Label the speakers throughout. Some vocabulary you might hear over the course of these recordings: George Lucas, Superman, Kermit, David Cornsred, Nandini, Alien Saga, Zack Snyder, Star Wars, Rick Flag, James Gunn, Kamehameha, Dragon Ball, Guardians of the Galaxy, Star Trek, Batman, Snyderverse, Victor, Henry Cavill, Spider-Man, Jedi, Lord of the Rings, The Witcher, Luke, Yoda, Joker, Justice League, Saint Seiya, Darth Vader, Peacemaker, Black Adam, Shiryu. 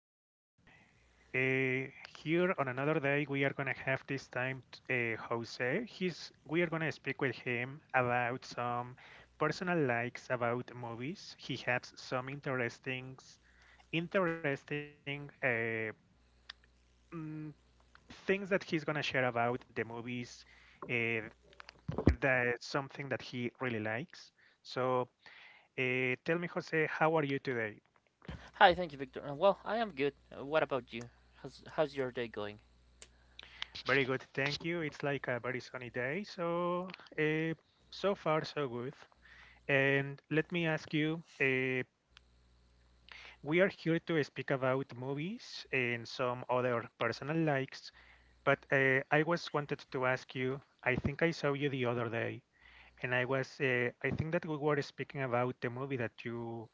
Speaker 1: everyone. Uh, Here on another day, we are gonna have this time Jose. He's We are gonna speak with him about some personal likes about movies. He has some interesting mm, things that he's gonna share about the movies. Uh, the something that he really likes. So, tell me, Jose, how are you today?
Speaker 2: Hi, thank you, Victor. Well, I am good. What about you? How's your day going?
Speaker 1: Very good, thank you. It's like a very sunny day, so uh, so far so good. And let me ask you, we are here to speak about movies and some other personal likes, but I was wanted to ask you, I think I saw you the other day, and I think that we were speaking about the movie that you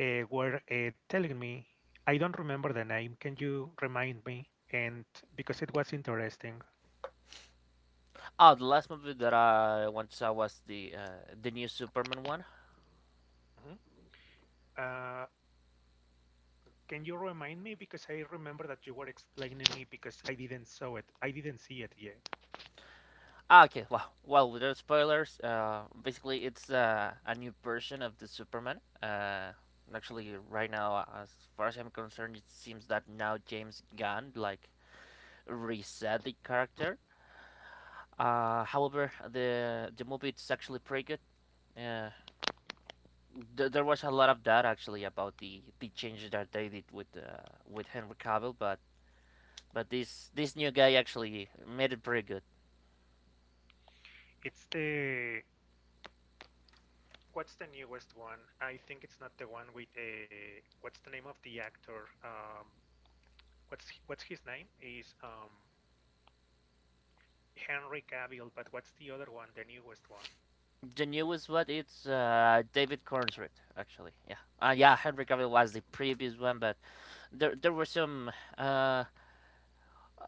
Speaker 1: were telling me. I don't remember the name. Can you remind me? And Because it was interesting.
Speaker 2: Oh, the last movie that I once saw was the new Superman one.
Speaker 1: Mhm. Uh, Can you remind me? Because I remember that you were explaining me because I didn't saw it. I didn't see it yet.
Speaker 2: Ah, okay. Well, without spoilers, basically it's a new version of the Superman. And actually, right now, as far as I'm concerned, it seems that now James Gunn like reset the character. However, the movie it's actually pretty good. Uh, there was a lot of that actually about the changes that they did with Henry Cavill, but but this new guy actually made it pretty good.
Speaker 1: It's the What's the newest one? I think it's not the one with a what's the name of the actor? What's his name? Is Henry Cavill, but what's the other one? The newest one?
Speaker 2: The newest one it's David Cornsred actually. Yeah, Henry Cavill was the previous one, but there were uh,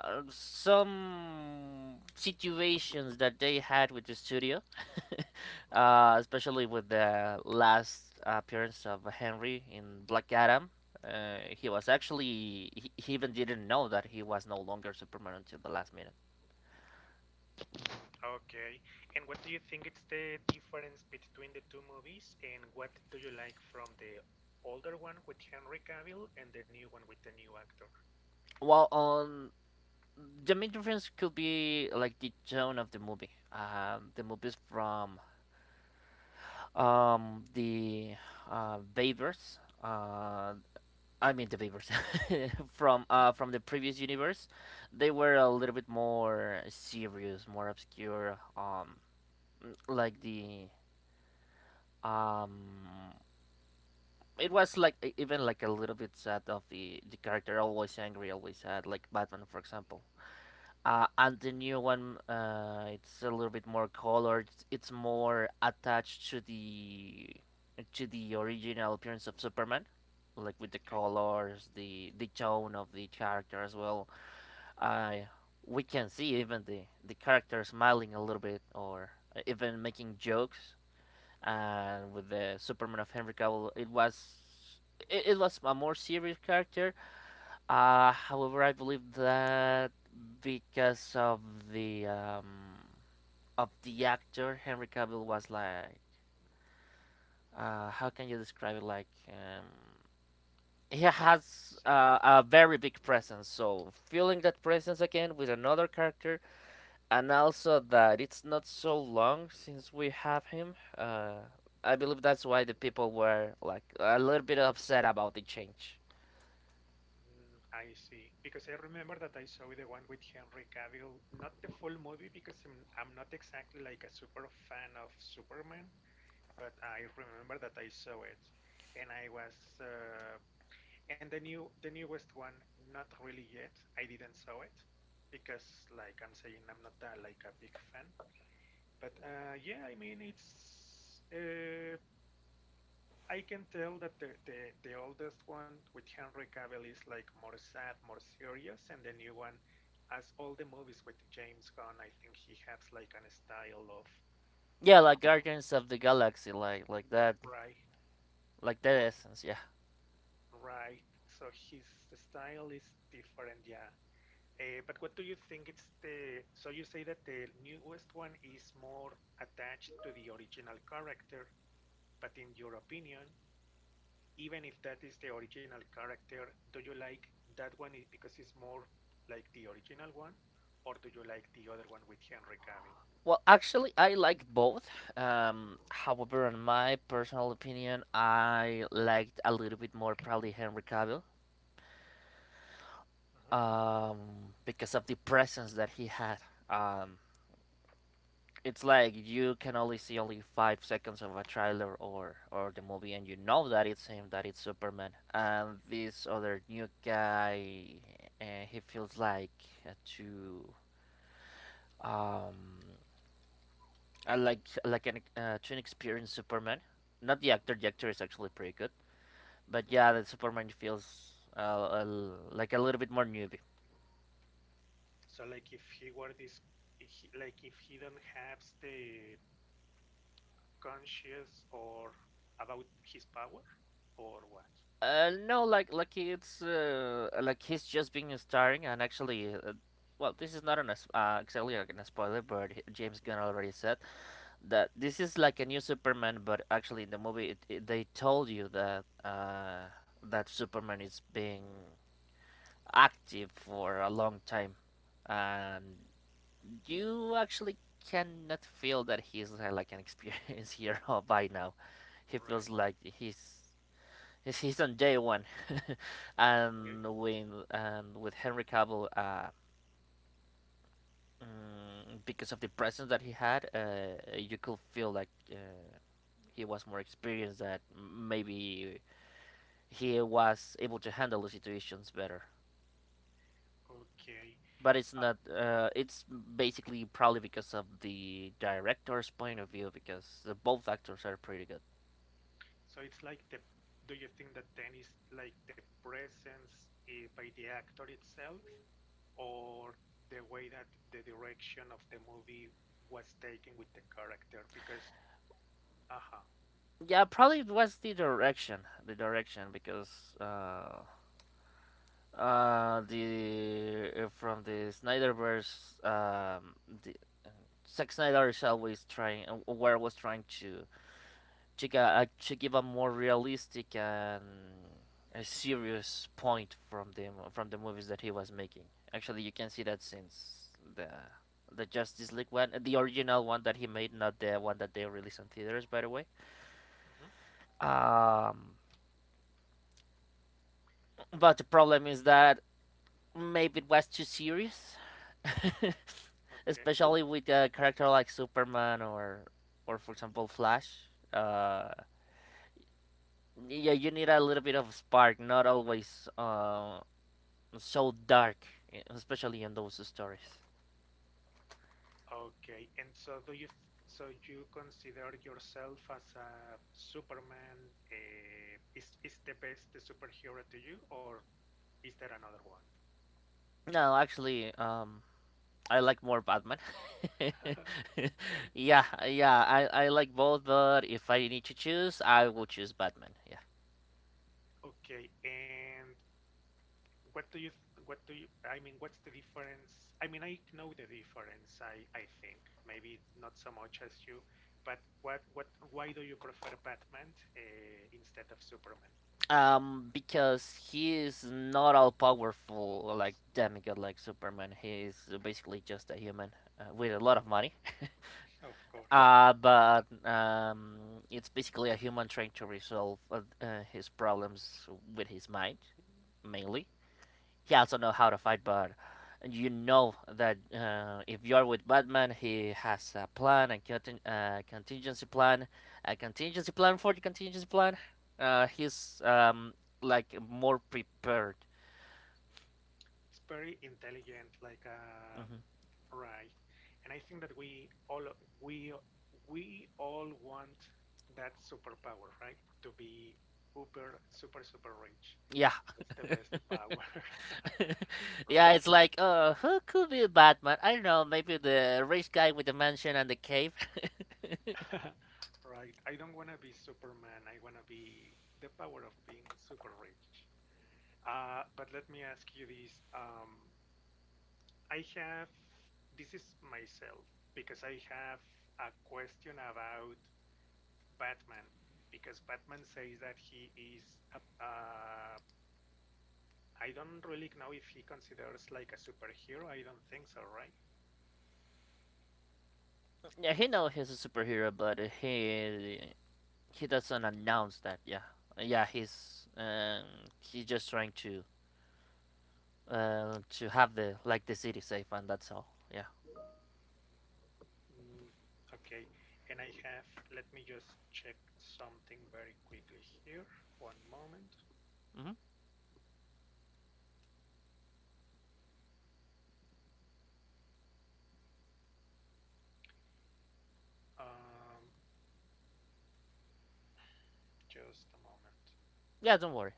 Speaker 2: some situations that they had with the studio,
Speaker 1: Hmm.
Speaker 2: especially with the last appearance of Henry in Black Adam. He was actually he even didn't know that he was no longer Superman until the last minute.
Speaker 1: Okay. And what do you think it's the difference between the two movies? And what do you like from the older one with Henry Cavill and the new one with the new actor?
Speaker 2: On the main difference could be like the tone of the movie. The movies from the Babers, I mean the Beavers from the previous universe, they were a little bit more serious, more obscure. Like the um, it was like even like a little bit sad of the character, always angry, always sad, like Batman, for example. And the new one, it's a little bit more colored. It's more attached to the original appearance of Superman, like with the
Speaker 1: Okay.
Speaker 2: colors, the tone of the character as well. I we can see even the character smiling a little bit or even making jokes. And with the Superman of Henry Cavill, it was a more serious character, however, I believe that because the um, of the actor Henry Cavill was like, how can you describe it? Like, he has
Speaker 1: Saf?
Speaker 2: a very big presence. So feeling that presence again with another character, and also that it's not so long since we have him. I believe that's why the people were like a little bit upset about the change.
Speaker 1: Mm, I see. Because I remember that I saw the one with Henry Cavill, not the full movie because I'm not exactly like a super fan of Superman, but I remember that I saw it. And I was and the new the newest one, not really yet. I didn't saw it because like I'm saying I'm not that like a big fan. But yeah, I mean it's uh, I can tell that the oldest one with Henry Cavill is like more sad, more serious, and the new one, as all the movies with James Gunn, I think he has like an style of
Speaker 2: Yeah,
Speaker 1: uh,
Speaker 2: like Guardians of the Galaxy, like that,
Speaker 1: right,
Speaker 2: like that
Speaker 1: r-
Speaker 2: essence. Yeah.
Speaker 1: right. So his style is different, yeah. But what do you think it's the? So you say that the newest one is more attached to the original character, but in your opinion, even if that is the original character, do you like that one because it's more like the original one, or do you like the other one with Henry Cavill?
Speaker 2: Well, actually, I like both. However, in my personal opinion, I liked a little bit more probably Henry Cavill,
Speaker 1: Mhm,
Speaker 2: um, because of the presence that he had. Um, it's like you can only see only 5 seconds of a trailer or the movie, and you know that it's him, that it's Superman, and this other new guy. He feels like too um I like an to an experienced Superman. Not the actor. The actor is actually pretty good. But
Speaker 1: mhm.
Speaker 2: yeah, the Superman feels uh, like a little bit more newbie.
Speaker 1: So like if he were this, like if he don't have the conscious or about his power, or what?
Speaker 2: No, like he's just being starring and actually. Well, this is not an exactly like a spoiler, but James Gunn already said that this is like a new Superman. But actually, in the movie, they told you that that Superman is being active for a long time, and you actually cannot feel that he's like an experienced hero by now. He
Speaker 1: Right.
Speaker 2: feels like he's on day one,
Speaker 1: Okay.
Speaker 2: and with Henry Cavill, because of the presence that he had, you could feel like he was more experienced. That maybe he was able to handle the situations better.
Speaker 1: Okay.
Speaker 2: But it's
Speaker 1: Uh,
Speaker 2: not. It's basically probably because of the director's point of view, because the both actors are pretty good.
Speaker 1: so it's like the. Do you think that then is like the presence by the actor itself, or the way that the direction of the movie was taken with the character because aha
Speaker 2: Yeah, probably it was the direction because the from the Snyderverse, the Zack Snyder is always trying, where was trying to to give a more realistic and a serious point from from the movies that he was making. Actually, you can see that since the Justice League one, the original one that he made, not the one that they released on theaters, by the way.
Speaker 1: mhm,
Speaker 2: Um, but the problem is that maybe it was too serious,
Speaker 1: okay.
Speaker 2: especially with a character like Superman or for example, Flash. Uh, yeah, you need a little bit of spark, not always so dark, especially in those stories.
Speaker 1: Okay and so do you so you consider yourself as a Superman is the best superhero to you or is there another one?
Speaker 2: No, actually, I like more Batman.
Speaker 1: Okay.
Speaker 2: Yeah, yeah, I like both, but if I need to choose, I will choose Batman. Yeah.
Speaker 1: Okay. And what do you, what do you, I mean, what's the difference? I mean, I know the difference, I think. Maybe not so much as you, but why do you prefer Batman instead of Superman?
Speaker 2: Because he is not all powerful like demigod like Superman. He is basically just a human with a lot of money.
Speaker 1: Of course.
Speaker 2: But it's basically a human trying to resolve his problems with his mind, mainly he also know how to fight, but you know that if you're with Batman, he has a plan, contingency plan, a contingency plan for the contingency plan. He's like more prepared.
Speaker 1: It's very intelligent, like
Speaker 2: Hmm.
Speaker 1: right. And I think that we, we all want that superpower, right? To be uber, super, super rich.
Speaker 2: Yeah,
Speaker 1: That's the best power,
Speaker 2: yeah.
Speaker 1: right?
Speaker 2: It's like, who could be Batman? I don't know. Maybe the rich guy with the mansion and the cave.
Speaker 1: Right. I don't want to be Superman. I want to be the power of being super rich. But let me ask you this. I have, this is myself, because I have a question about Batman, because Batman says that he is, a, uh, I don't really know if he considers like a superhero. I don't think so, right?
Speaker 2: Yeah, he know he's a superhero, but he doesn't announce that. Yeah, yeah, he's just trying to have the like the city safe, and that's all. Yeah.
Speaker 1: Mm, okay, and I have, let me just check something very quickly here. One moment.
Speaker 2: Hmm.
Speaker 1: Um, just a moment.
Speaker 2: Yeah, don't worry.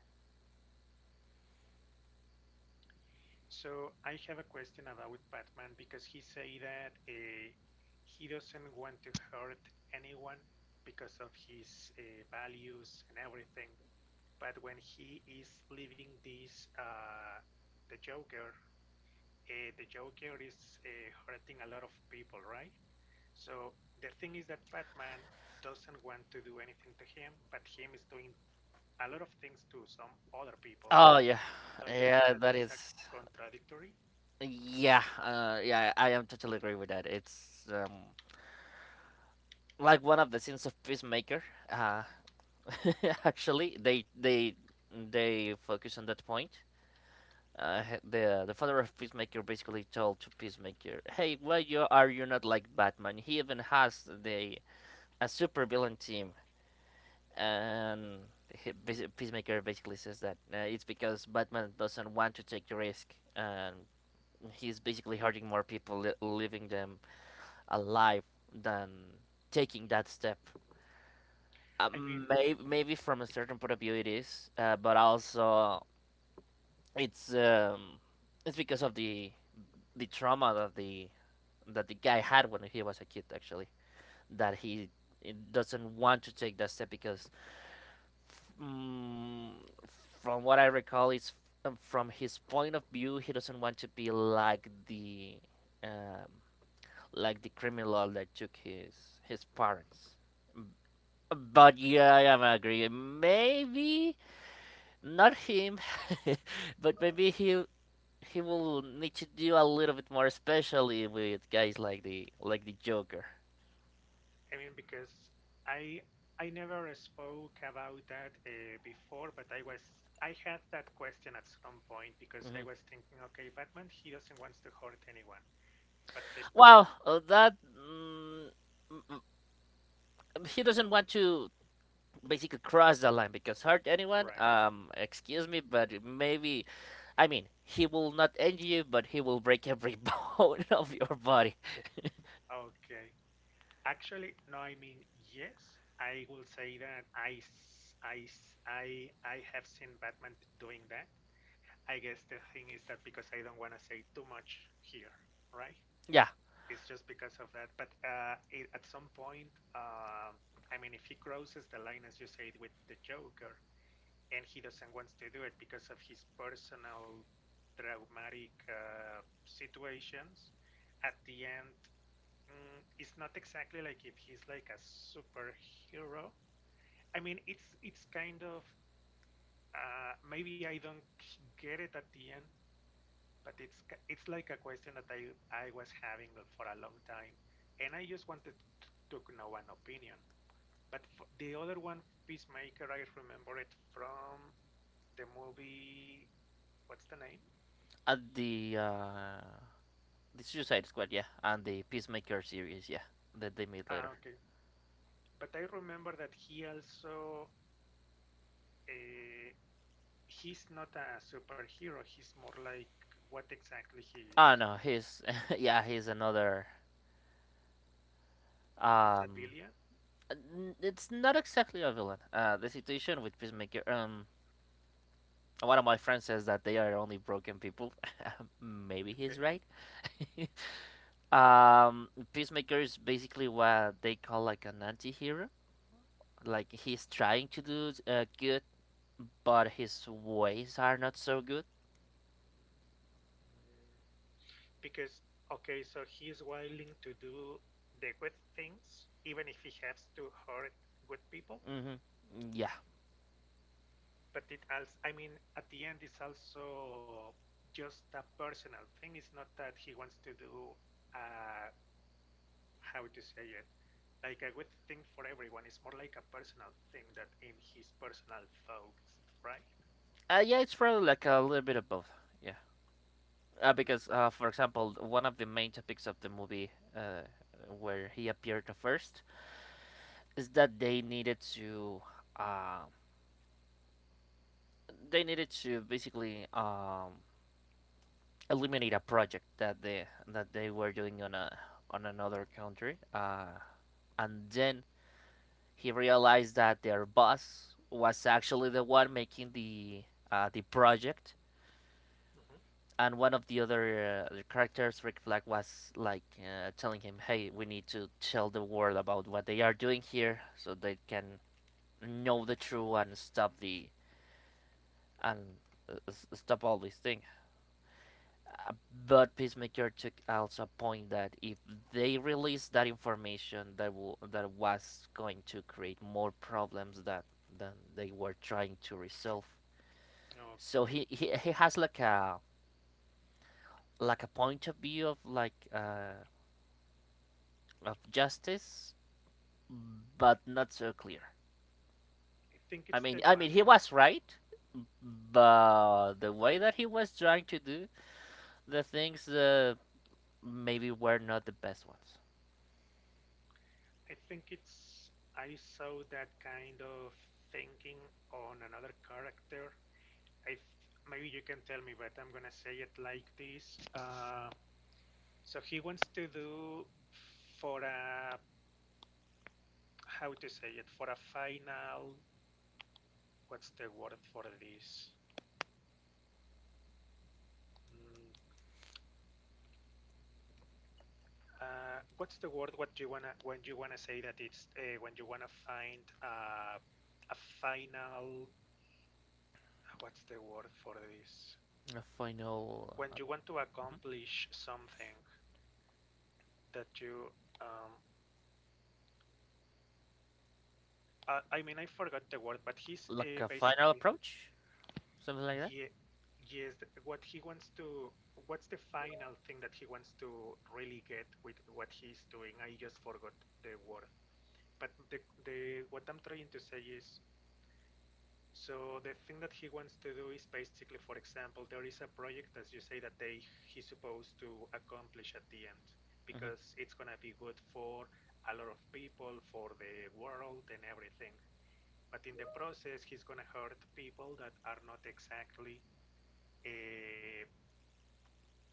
Speaker 1: So I have a question about Batman because he say that he doesn't want to hurt anyone because of his values and everything. But when he is leaving this, the Joker, the Joker is hurting a lot of people, right? So the thing is that Batman doesn't want to do anything to him, but him is doing a lot of things to some other people.
Speaker 2: Oh yeah,
Speaker 1: Don't you think
Speaker 2: yeah,
Speaker 1: that is
Speaker 2: that
Speaker 1: a
Speaker 2: is.
Speaker 1: contradictory?
Speaker 2: Yeah, yeah, I am totally agree with that. It's like one of the scenes of Peacemaker. Uh, actually,
Speaker 1: Mhm.
Speaker 2: they focus on that point. Uh, the father of Peacemaker basically told to Peacemaker, "Hey, why you not like Batman? He even has the a super villain team." And he, Peacemaker basically says that it's because Batman doesn't want to take the risk, and he's basically hurting more people, leaving them alive than taking that step.
Speaker 1: I mean,
Speaker 2: Maybe from a certain point of view it is, but also it's um, it's because of the trauma that the guy had when he was a kid actually that he doesn't want to take that step because mm, from what I recall it's from his point of view he doesn't want to be um, like the criminal that took his parents, but yeah I am agreeing, maybe
Speaker 1: mhm.
Speaker 2: not him, but maybe he will need to do a little bit more, especially with guys like the Joker.
Speaker 1: I mean because I I never spoke about that before, but I had that question at some point because I
Speaker 2: Hmm.
Speaker 1: was thinking, okay, Batman, he doesn't want to hurt anyone, but the
Speaker 2: Well, that mm, mm, mm, he doesn't want to basically cross the line because hurt anyone.
Speaker 1: right,
Speaker 2: Excuse me, but maybe I mean he will not injure you, but he will break every bone of your body.
Speaker 1: okay. Actually, no, I mean, yes, I will say that I have seen Batman doing that. I guess the thing is that because I don't want to say too much here, right?
Speaker 2: Yeah,
Speaker 1: It's just because of that. But at some point, I mean, if he crosses the line, as you said, with the Joker, and he doesn't want to do it because of his personal traumatic situations, at the end mm, it's not exactly like if he's like a superhero. I mean, it's kind of maybe I don't get it at the end, but it's it's like a question that I was having for a long time, and I just wanted to know an opinion. But f the other one, Peacemaker, I remember it from the movie. What's the name?
Speaker 2: and the Suicide Squad, yeah, and the Peacemaker series, yeah, that they made
Speaker 1: Ah,
Speaker 2: later.
Speaker 1: okay. But I remember that he also. Uh, he's not a superhero. He's more like what exactly he is.
Speaker 2: Ah, no, he's yeah, he's another
Speaker 1: It's a
Speaker 2: um.
Speaker 1: billion,
Speaker 2: It's not exactly a villain. The situation with Peacemaker. One of my friends says that they are only broken people. Maybe
Speaker 1: okay?
Speaker 2: he's right. Um, Peacemaker is basically what they call like an anti-hero. Like he's trying to do good, but his ways are not so good.
Speaker 1: Mm, because okay, so he's willing to do the good things, even if he has to hurt good people.
Speaker 2: Hmm. Yeah.
Speaker 1: But it also, I mean, at the end, it's also just a personal thing. It's not that he wants to do, uh, how to say it, like a good thing for everyone. It's more like a personal thing that in his personal thoughts, right?
Speaker 2: Yeah, it's probably like a little bit of both. Yeah. Because, for example, one of the main topics of the movie uh, where he appeared first is that they needed to. Uh, they needed to basically eliminate a project that they were doing on a on another country, and then he realized that their boss was actually the one making the project,
Speaker 1: Mhm.
Speaker 2: and one of the other characters, Rick Flag, was like telling him, "Hey, we need to tell the world about what they are doing here, so they can know the truth and stop the and uh, stop all these things." Uh, but Peacemaker took also a point that if they release that information, that was going to create more problems that than they were trying to resolve.
Speaker 1: Okay.
Speaker 2: So he has like a point of view of like of justice, but not so clear.
Speaker 1: I think it's the
Speaker 2: I
Speaker 1: one
Speaker 2: mean he
Speaker 1: where
Speaker 2: was right, but the way that he was trying to do the things maybe were not the best ones.
Speaker 1: I think it's I saw that kind of thinking on another character. Maybe you can tell me, but I'm gonna say it like this. So he wants to do for a how to say it for a final. What's the word for this? Mm, what's the word? What you wanna when you wanna say that it's when you wanna find a final what's the word for this?
Speaker 2: Final.
Speaker 1: When you want to accomplish something that you, um, I mean, I forgot the word, but he's
Speaker 2: Like a final
Speaker 1: basically,
Speaker 2: approach, something like that.
Speaker 1: yeah, yes, what he wants to, what's the final thing that he wants to really get with what he's doing? I just forgot the word. But the what I'm trying to say is so the thing that he wants to do is basically, for example, there is a project, as you say, that they he's supposed to accomplish at the end
Speaker 2: Mm-hmm.
Speaker 1: because it's gonna be good for a lot of people, for the world and everything. But in the process, he's gonna hurt people that are not exactly uh,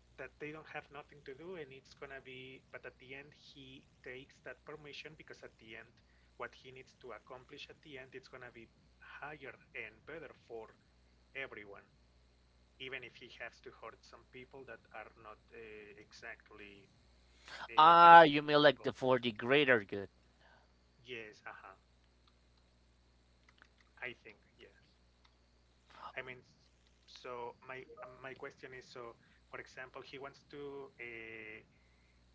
Speaker 1: that they don't have nothing to do, and it's gonna be. But at the end, he takes that permission because at the end, what he needs to accomplish at the end, it's gonna be higher and better for everyone, even if he has to hurt some people that are not exactly bad
Speaker 2: Ah, you mean
Speaker 1: people.
Speaker 2: like the for the greater good?
Speaker 1: Yes, uh-huh. I think yes. I mean, so my my question is, so for example, he wants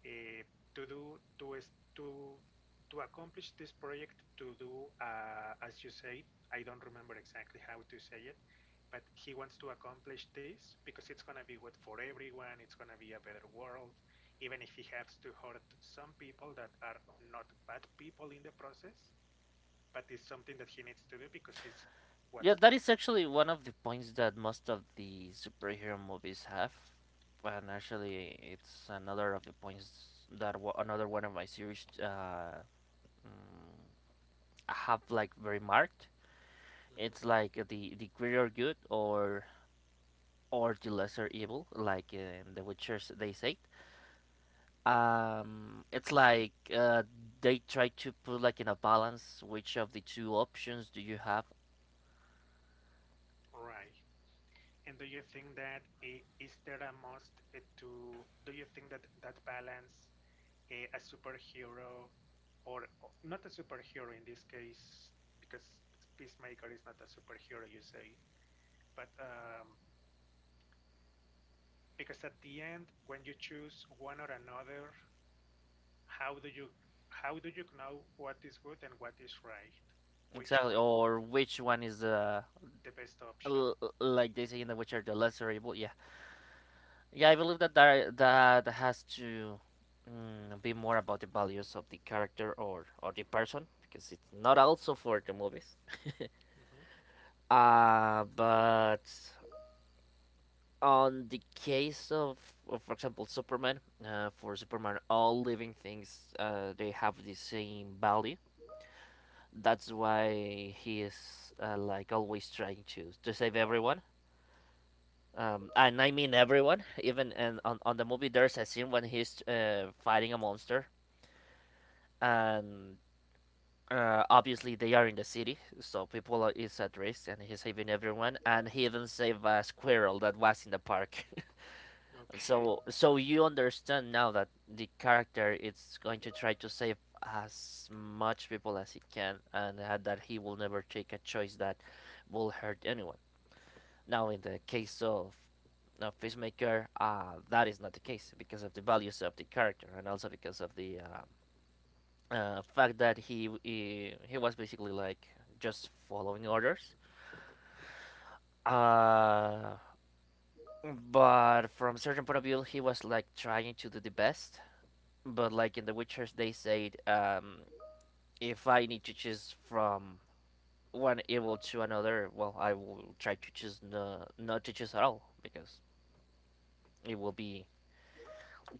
Speaker 1: uh, to do to to accomplish this project to do as you say I don't remember exactly how to say it but he wants to accomplish this because it's going to be good for everyone it's going to be a better world even if he has to hurt some people that are not bad people in the process but it's something that he needs to do because it's what's
Speaker 2: Yeah, that is actually one of the points that most of the superhero movies have, and actually, it's another of the points that another one of my series mm, have like very marked.
Speaker 1: mhm.
Speaker 2: It's like the greater good or the lesser evil, like in The Witcher they say. It's like they try to put like in a balance which of the two options do you have
Speaker 1: Right. And do you think that is there a must eh, to do you think that that balance a superhero or not a superhero in this case because Peacemaker is not a superhero, you say, but because at the end when you choose one or another, how do you how do you know what is good and what is right? Which one,
Speaker 2: exactly, or which one is the
Speaker 1: the best option?
Speaker 2: like they say in the which are the lesser evil. Yeah, yeah, I believe that that has to be more about the values of the character or the person because it's not also for the movies.
Speaker 1: Mhm,
Speaker 2: But on the case of for example Superman, for Superman all living things they have the same value. That's why he is like always trying to save everyone,
Speaker 1: mhm.
Speaker 2: and I mean everyone, even and on the movie there's a scene when he's fighting a monster, and obviously they are in the city so people are, is at risk and he's saving everyone, and he even saved a squirrel that was in the park.
Speaker 1: Okay.
Speaker 2: So you understand now that the character is going to try to save as much people as he can, and that he will never take a choice that will hurt anyone. Now, in the case of Peacemaker, that is not the case because of the values of the character, and also because of the fact that he was basically like just following orders. Uh, but from a certain point of view, he was like trying to do the best, but like in The Witchers, they said, if I need to choose from one evil to another, well, I will try to choose no, not to choose at all because it will be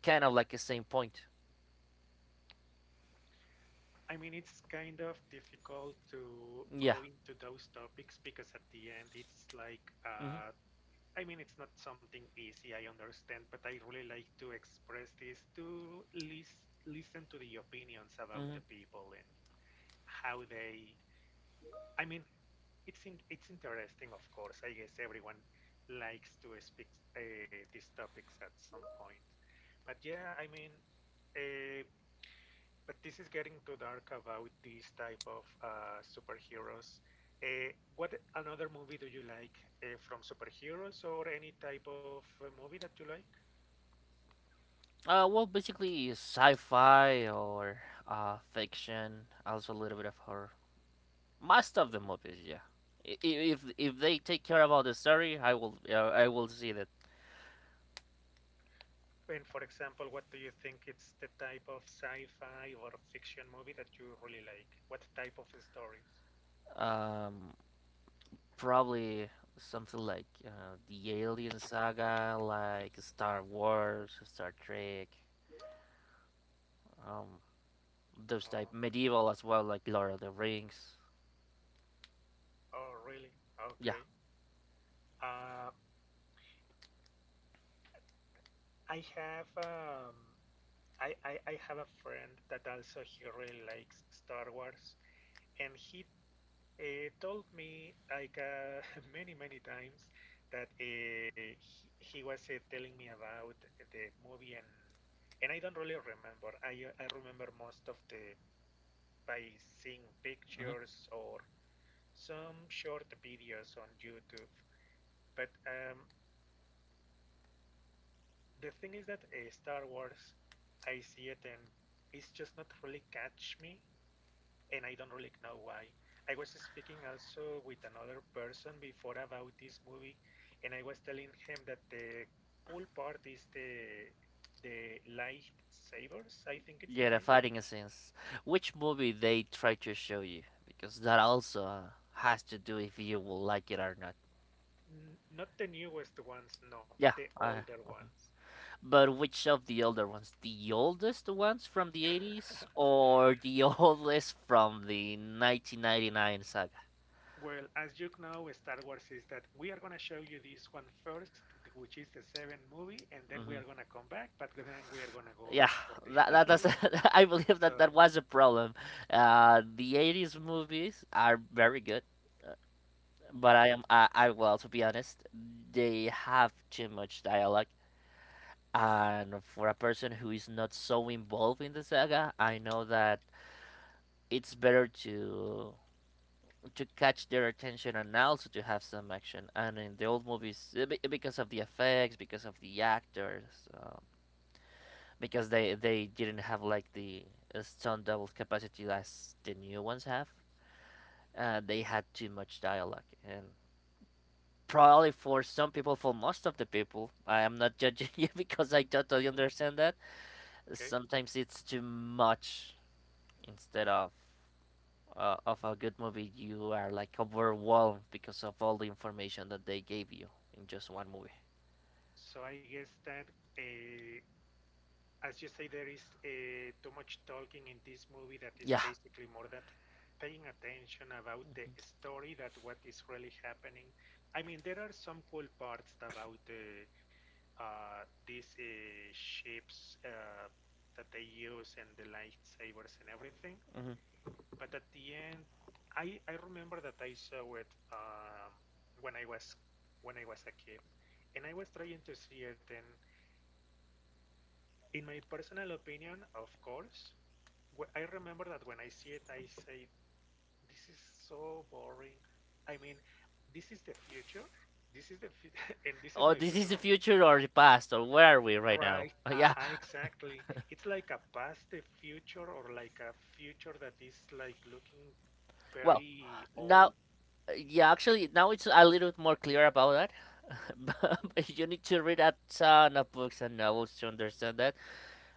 Speaker 2: kind of like the same point.
Speaker 1: I mean, it's kind of difficult to go
Speaker 2: Yeah.
Speaker 1: into those topics because at the end it's like
Speaker 2: Mm-hmm.
Speaker 1: I mean, it's not something easy, I understand, but I really like to express this to listen to the opinions about the
Speaker 2: Mm-hmm.
Speaker 1: people and how they. I mean, it's interesting, of course. I guess everyone likes to speak these topics at some point. But yeah, I mean, uh, but this is getting too dark about these type of superheroes. What another movie do you like from superheroes or any type of movie that you like?
Speaker 2: Well, basically sci-fi or fiction, also a little bit of horror. Most of the movies, yeah. If they take care about the story, I will see that.
Speaker 1: And for example, what do you think it's the type of sci-fi or fiction movie that you really like? What type of stories?
Speaker 2: Um, Probably something like the Alien Saga, like Star Wars, Star Trek, um, those
Speaker 1: Oh,
Speaker 2: type medieval as well, like Lord of the Rings.
Speaker 1: oh, really?
Speaker 2: Yeah.
Speaker 1: Okay. Uh, I have I have a friend that also he really likes Star Wars, and he told me like many many times that he was telling me about the movie and I don't really remember. I remember most of the by seeing
Speaker 2: Hmm.
Speaker 1: pictures or some short videos on YouTube. But the thing is that Star Wars, I see it and it's just not really catch me, and I don't really know why. I was speaking also with another person before about this movie, and I was telling him that the cool part is the lightsabers. I think it's the
Speaker 2: Yeah,
Speaker 1: name.
Speaker 2: the fighting scenes. Which movie they try to show you? Because that also has to do if you will like it or not.
Speaker 1: Not the newest ones, no, the
Speaker 2: Yeah, I.
Speaker 1: older
Speaker 2: Mhm.
Speaker 1: ones.
Speaker 2: But which of the older ones? The oldest ones from the 80s or the oldest from the 1999 saga?
Speaker 1: Well, as you know, Star Wars is that we are going to show you this one first, which is the seventh movie, and then we are
Speaker 2: Mm-hmm.
Speaker 1: going to come back, but then we are going to go
Speaker 2: Yeah,
Speaker 1: for the other one.
Speaker 2: that's I believe that
Speaker 1: So,
Speaker 2: that was a problem. The 80s movies are very good, but
Speaker 1: uh
Speaker 2: I, well, to be honest, they have too much dialogue. And for a person who is not so involved in the saga, I know that it's better to catch their attention and also to have some action. And in the old movies, because of the effects, because of the actors, because they didn't have like the stunt double capacity as the new ones have. They had too much dialogue, and probably for some people, for most of the people, I am not judging you because I
Speaker 1: mhm,
Speaker 2: totally understand that.
Speaker 1: okay.
Speaker 2: Sometimes it's too much instead of. Of a good movie, you are like overwhelmed because of all the information that they gave you in just one movie.
Speaker 1: So I guess that, uh, as you say, there is too much talking in this movie that is
Speaker 2: Yeah.
Speaker 1: basically more that paying attention about the story that what is really happening. I mean, there are some cool parts about the these shapes that they use and the lightsabers and everything.
Speaker 2: Hmm.
Speaker 1: But at the end, I remember that I saw it when I was when I was a kid, and I was trying to see it. And in my personal opinion, of course, I remember that when I see it, I say, "This is so boring." I mean, this is the future. This is the and this is my
Speaker 2: Oh, this
Speaker 1: personal.
Speaker 2: is the future or the past, or where are we right
Speaker 1: Right,
Speaker 2: now?
Speaker 1: aha,
Speaker 2: Yeah.
Speaker 1: exactly. It's like a past, a future, or like a future that is like looking
Speaker 2: Well,
Speaker 1: very old.
Speaker 2: now. Yeah, actually, now it's a little bit more clear about that. But
Speaker 1: Mhm.
Speaker 2: but you need to read a ton of books and novels to understand that.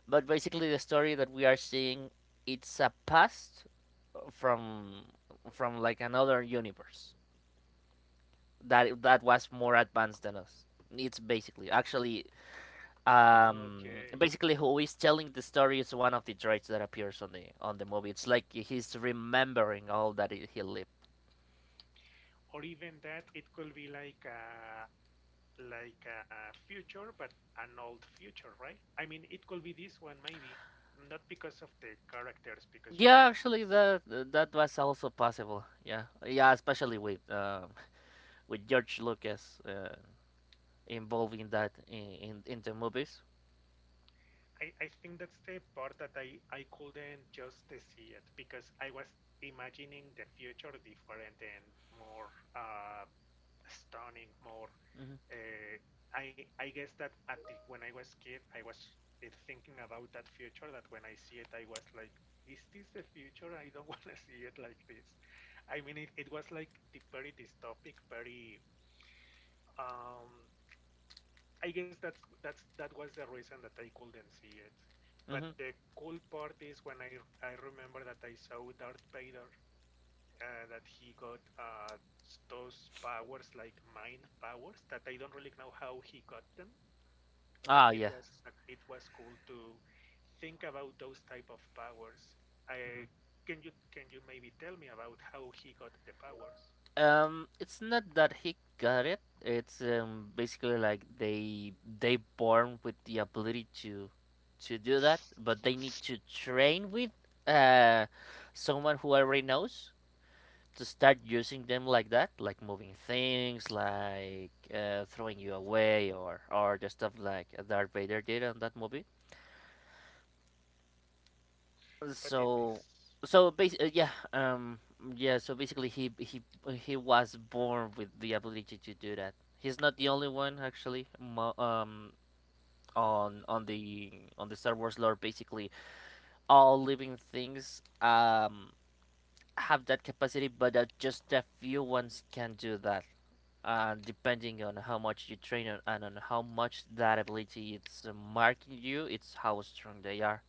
Speaker 2: But basically, the story that we are seeing, it's a past from from like another universe that that was more advanced than us. It's basically actually um
Speaker 1: Okay.
Speaker 2: basically who is telling the story is one of the droids that appears on the movie. It's like he's remembering all that he lived.
Speaker 1: Or even that, it could be like a future, but an old future, right? I mean, it could be this one maybe, not because of the characters, because you have
Speaker 2: Yeah,
Speaker 1: this.
Speaker 2: actually, that that was also possible. Yeah, yeah, especially with with George Lucas involving that in the movies.
Speaker 1: I think that's the part that I couldn't just see it because I was imagining the future different and more stunning, more.
Speaker 2: Hmm.
Speaker 1: Uh, I guess that at the, when I was kid, I was thinking about that future. That when I see it, I was like, "Is this the future? I don't want to see it like this." I mean, it was like the very dystopic, very um, I guess that's that was the reason that I couldn't see it. But
Speaker 2: Hmm.
Speaker 1: the cool part is when I remember that I saw Darth Vader that he got those powers like mind powers that I don't really know how he got them, but
Speaker 2: Ah, yeah.
Speaker 1: it was cool to think about those type of powers. I
Speaker 2: Mhm.
Speaker 1: can you maybe tell me about how he got the powers?
Speaker 2: It's not that he got it. It's basically like they born with the ability to do that, but they need to train with uh someone who already knows, to start using them like that, like moving things, like throwing you away, or the stuff like Darth Vader did on that movie.
Speaker 1: But in
Speaker 2: So,
Speaker 1: this,
Speaker 2: so basically, yeah, yeah. So basically, he was born with the ability to do that. He's not the only one, actually. On the Star Wars lore, basically, all living things have that capacity, but just a few ones can do that, depending on how much you train on, and on how much that ability it's marking you, it's how strong they are.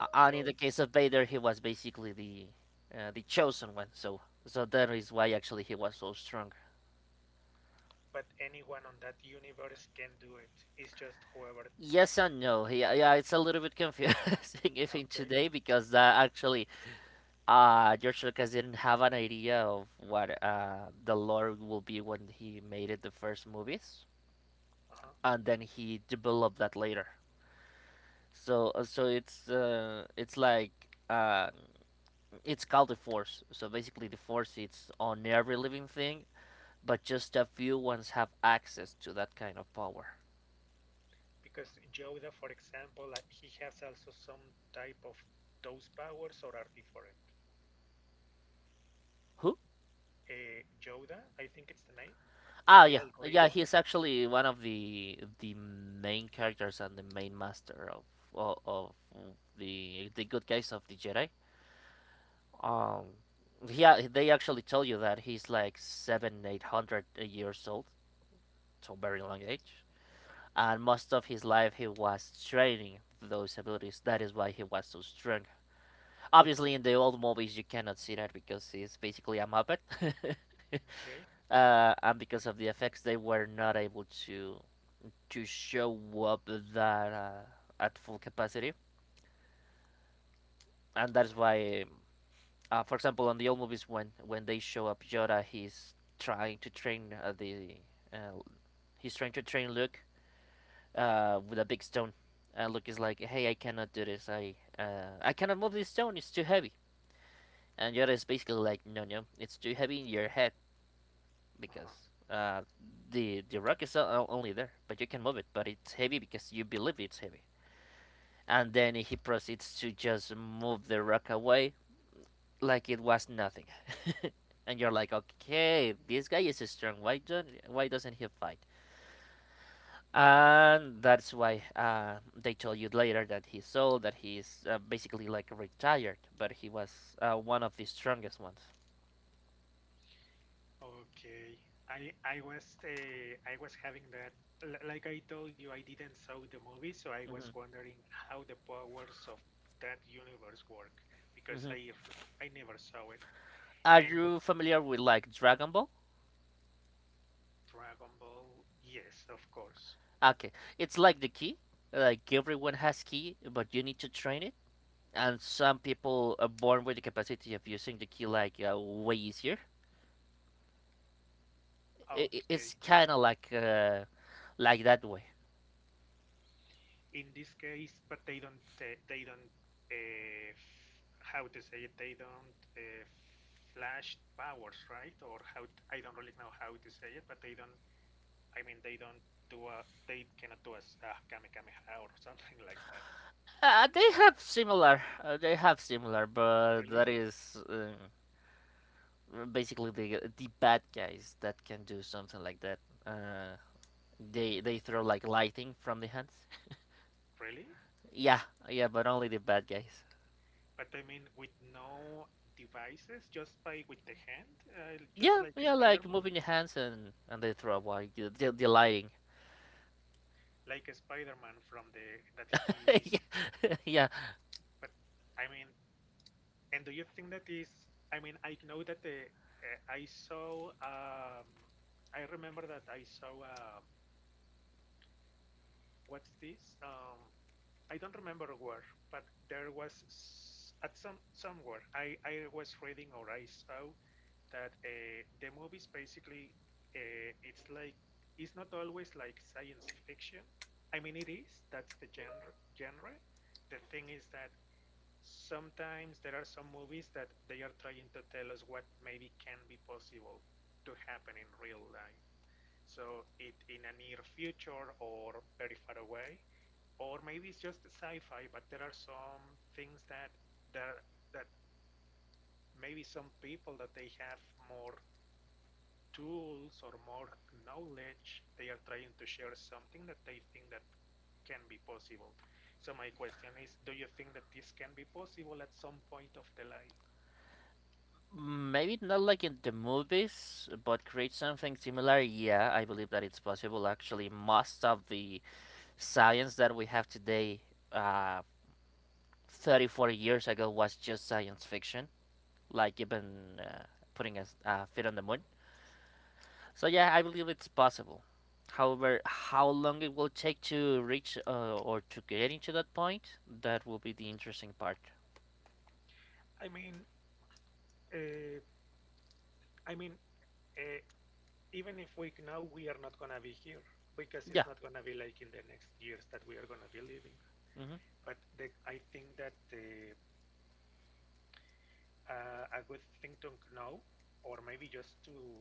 Speaker 2: And in the case of Vader, he was basically the chosen one, so that is why actually he was so strong.
Speaker 1: but anyone on that universe can do it. It's just whoever.
Speaker 2: Yes and no. Yeah, yeah, it's a little bit confusing even
Speaker 1: Okay.
Speaker 2: today because actually, George Lucas didn't have an idea of what the lore will be when he made it the first movies,
Speaker 1: Uh huh.
Speaker 2: and then he developed that later. So it's it's called the force. So basically, the force is on every living thing, but just a few ones have access to that kind of power.
Speaker 1: Because Yoda, for example, like, he has also some type of those powers or are different.
Speaker 2: Who?
Speaker 1: Yoda, I think it's the name, the
Speaker 2: Ah,
Speaker 1: little
Speaker 2: yeah,
Speaker 1: green one.
Speaker 2: yeah. He's actually one of the main characters and the main master of the good guys of the Jedi. Um, yeah, they actually tell you that he's like seven, 800 years old, so
Speaker 1: Mhm.
Speaker 2: very long age. And most of his life he was training those abilities. That is why he was so strong. Obviously, in the old movies you cannot see that because he's basically a muppet,
Speaker 1: Okay.
Speaker 2: and because of the effects, they were not able to show up that at full capacity, and
Speaker 1: Uh
Speaker 2: that's why, for example, on the old movies when they show up Yoda, trying to train uh, the uh, he's trying to train Luke with a big stone. Luke is like, "Hey, I cannot do this. I cannot move this stone. It's too heavy." And Yoda is basically like, "No, no, it's too heavy in your head
Speaker 1: huh.
Speaker 2: because the rock is only there, but you can move it. But it's heavy because you believe it's heavy." And then he proceeds to just move the rock away like it was nothing. And you're like, "Okay, this guy is strong. Why doesn't he fight?" And that's why they told you later that he's old, that he's basically like retired, but he was one of the strongest ones.
Speaker 1: Okay. I was I was having that. Like I told you I didn't saw the movie, so I was
Speaker 2: Hmm.
Speaker 1: wondering how the powers of that universe work because
Speaker 2: Hmm.
Speaker 1: I never saw it.
Speaker 2: Are
Speaker 1: And
Speaker 2: you familiar with like Dragon Ball?
Speaker 1: Dragon Ball, yes, of course.
Speaker 2: Okay, it's like the key. Like everyone has key, but you need to train it. And some people are born with the capacity of using the key like way easier. I i-
Speaker 1: Okay.
Speaker 2: it's kind of like that way.
Speaker 1: In this case, but they don't how to say it, they don't flash powers, right? Or how I don't really know how to say it, but they don't I mean, they don't do a, they cannot do a a Kamehameha or something like that.
Speaker 2: They have similar. They have similar, but
Speaker 1: Really?
Speaker 2: that is. Basically the bad guys that can do something like that. Uh, they throw like lightning from the hands.
Speaker 1: Really?
Speaker 2: Yeah, yeah, but only the bad guys.
Speaker 1: But I mean, with no devices, just by with the hand, just
Speaker 2: Yeah, yeah, like moving the hands and they throw like lighting.
Speaker 1: Like a Spider-Man from the that he.
Speaker 2: Yeah, yeah,
Speaker 1: But I mean, and do you think that is? I mean, I know that the I saw. I remember that I saw. What's this? I don't remember where, but there was at some somewhere I was reading or I saw that the movies basically it's like it's not always like science fiction. I mean it is that's the genre. The thing is that sometimes there are some movies that they are trying to tell us what maybe can be possible to happen in real life. So it in a near future or very far away or maybe it's just sci-fi, but there are some things that there that maybe some people that they have more tools or more knowledge, they are trying to share something that they think that can be possible. So my question is, do you think that this can be possible at some point of the life?
Speaker 2: maybe not like in the movies, but create something similar. Yeah, I believe that it's possible. Actually, most of the science that we have today, uh, 30, 40 years ago, was just science fiction, like even putting a feet on the moon. So yeah, I believe it's possible. However, how long it will take to reach or to get into that point, that will be the interesting part.
Speaker 1: I mean, uh, I mean, uh, even if we know we are not gonna be here because it's not
Speaker 2: Yeah.
Speaker 1: gonna be like in the next years that we are gonna be living.
Speaker 2: Hmm.
Speaker 1: But the, I think that a good thing to know, or maybe just to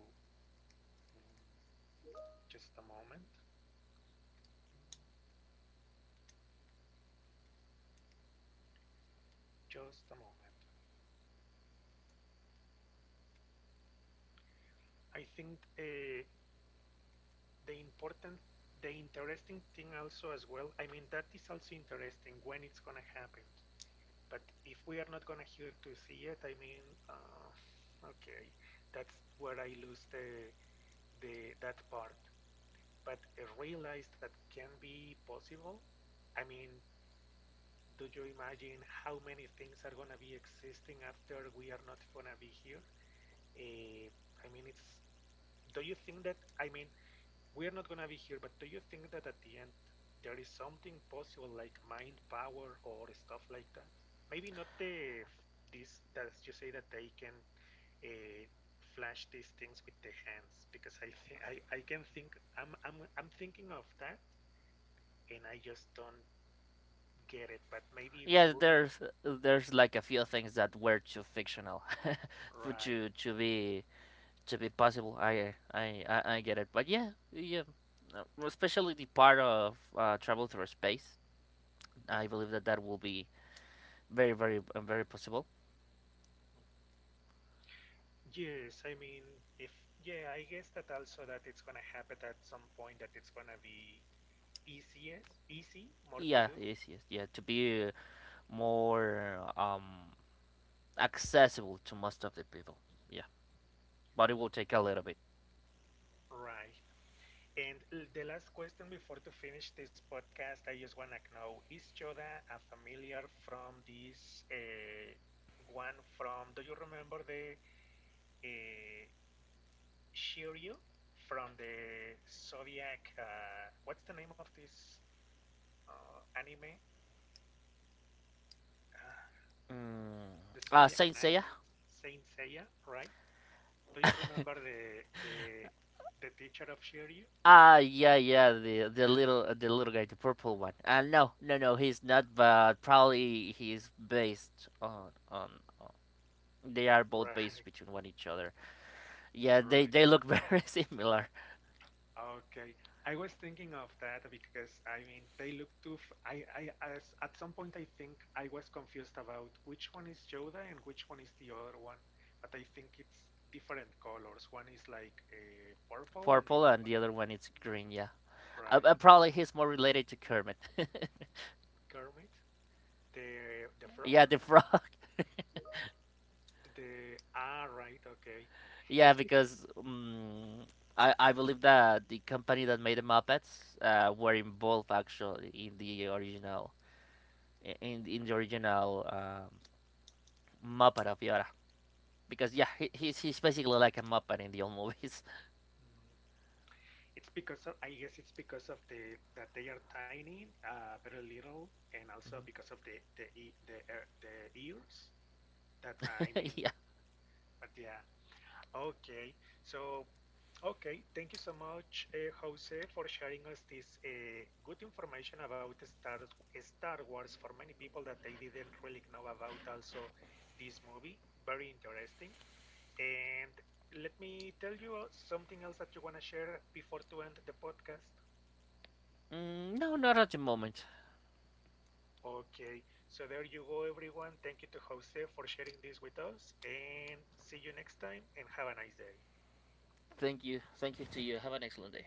Speaker 1: just a moment, just a moment. I think the important, the interesting thing also as well. I mean, that is also interesting when it's gonna happen. But if we are not gonna hear to see it, I mean, uh, okay, that's where I lose the that part. But I realize that can be possible. I mean, do you imagine how many things are gonna be existing after we are not gonna be here? Uh, I mean, it's. Do you think that I mean we're not gonna be here, but do you think that at the end there is something possible like mind power or stuff like that? Maybe not the this that you say that they can uh, flash these things with the hands because I think I can think I'm thinking of that and I just don't get it. But maybe
Speaker 2: Yeah,
Speaker 1: moving
Speaker 2: there's like a few things that were too fictional for
Speaker 1: right.
Speaker 2: to be possible. I get it, but yeah, yeah, especially the part of travel through space. I
Speaker 1: Mm-hmm.
Speaker 2: believe that that will be very very very possible.
Speaker 1: Yes, I mean, if, yeah, I guess that also that it's gonna happen at some point that it's gonna be easiest, easy, more to do,
Speaker 2: Yeah, yes, yes, yeah, to be more accessible to most of the people. Yeah, but it will take a little bit.
Speaker 1: right? And the last question before to finish this podcast, I just wanna know, is Yoda a familiar from this one from, do you remember the uh, Shiryu from the Zodiac, what's the name of this anime? Uh,
Speaker 2: Mm.
Speaker 1: the Zodiac
Speaker 2: Saint
Speaker 1: Knight,
Speaker 2: Seiya.
Speaker 1: Saint Seiya, right? Do you remember the the teacher of Shiryu?
Speaker 2: Ah, yeah, yeah, the little guy, the purple one. No, no, no, he's not. But probably he's based on. on- They are both
Speaker 1: Right,
Speaker 2: based between one each other. Yeah,
Speaker 1: right.
Speaker 2: they look very similar.
Speaker 1: Okay. I was thinking of that because I mean they look too. I as, at some point I think I was confused about which one is Yoda and which one is the other one, but I think it's different colors. One is like purple and the other
Speaker 2: Purple
Speaker 1: one,
Speaker 2: and the other one is green. Yeah,
Speaker 1: right?
Speaker 2: probably he's more related to Kermit.
Speaker 1: Kermit, the frog,
Speaker 2: Yeah, the frog.
Speaker 1: the ah right, okay. It's
Speaker 2: Yeah,
Speaker 1: bec-
Speaker 2: because I believe that the company that made the Muppets were involved actually in the original i- in in the original um, Muppet of Yoda. Because yeah, he's basically like a Muppet in the old movies.
Speaker 1: It's because of, I guess it's because of the that they are tiny, very little, and also because of the e the the ears. That I mean,
Speaker 2: Yeah.
Speaker 1: but yeah, okay. So okay, thank you so much, Jose, for sharing us this good information about Star Wars for many people that they didn't really know about. Also, this movie very interesting and. Let me tell you something else that you want to share before to end the podcast.
Speaker 2: Mm, no, not at the moment.
Speaker 1: Okay, so there you go, everyone. Thank you to Jose for sharing this with us, and see you next time, and have a nice day.
Speaker 2: Thank you. Thank you to you. Have an excellent day.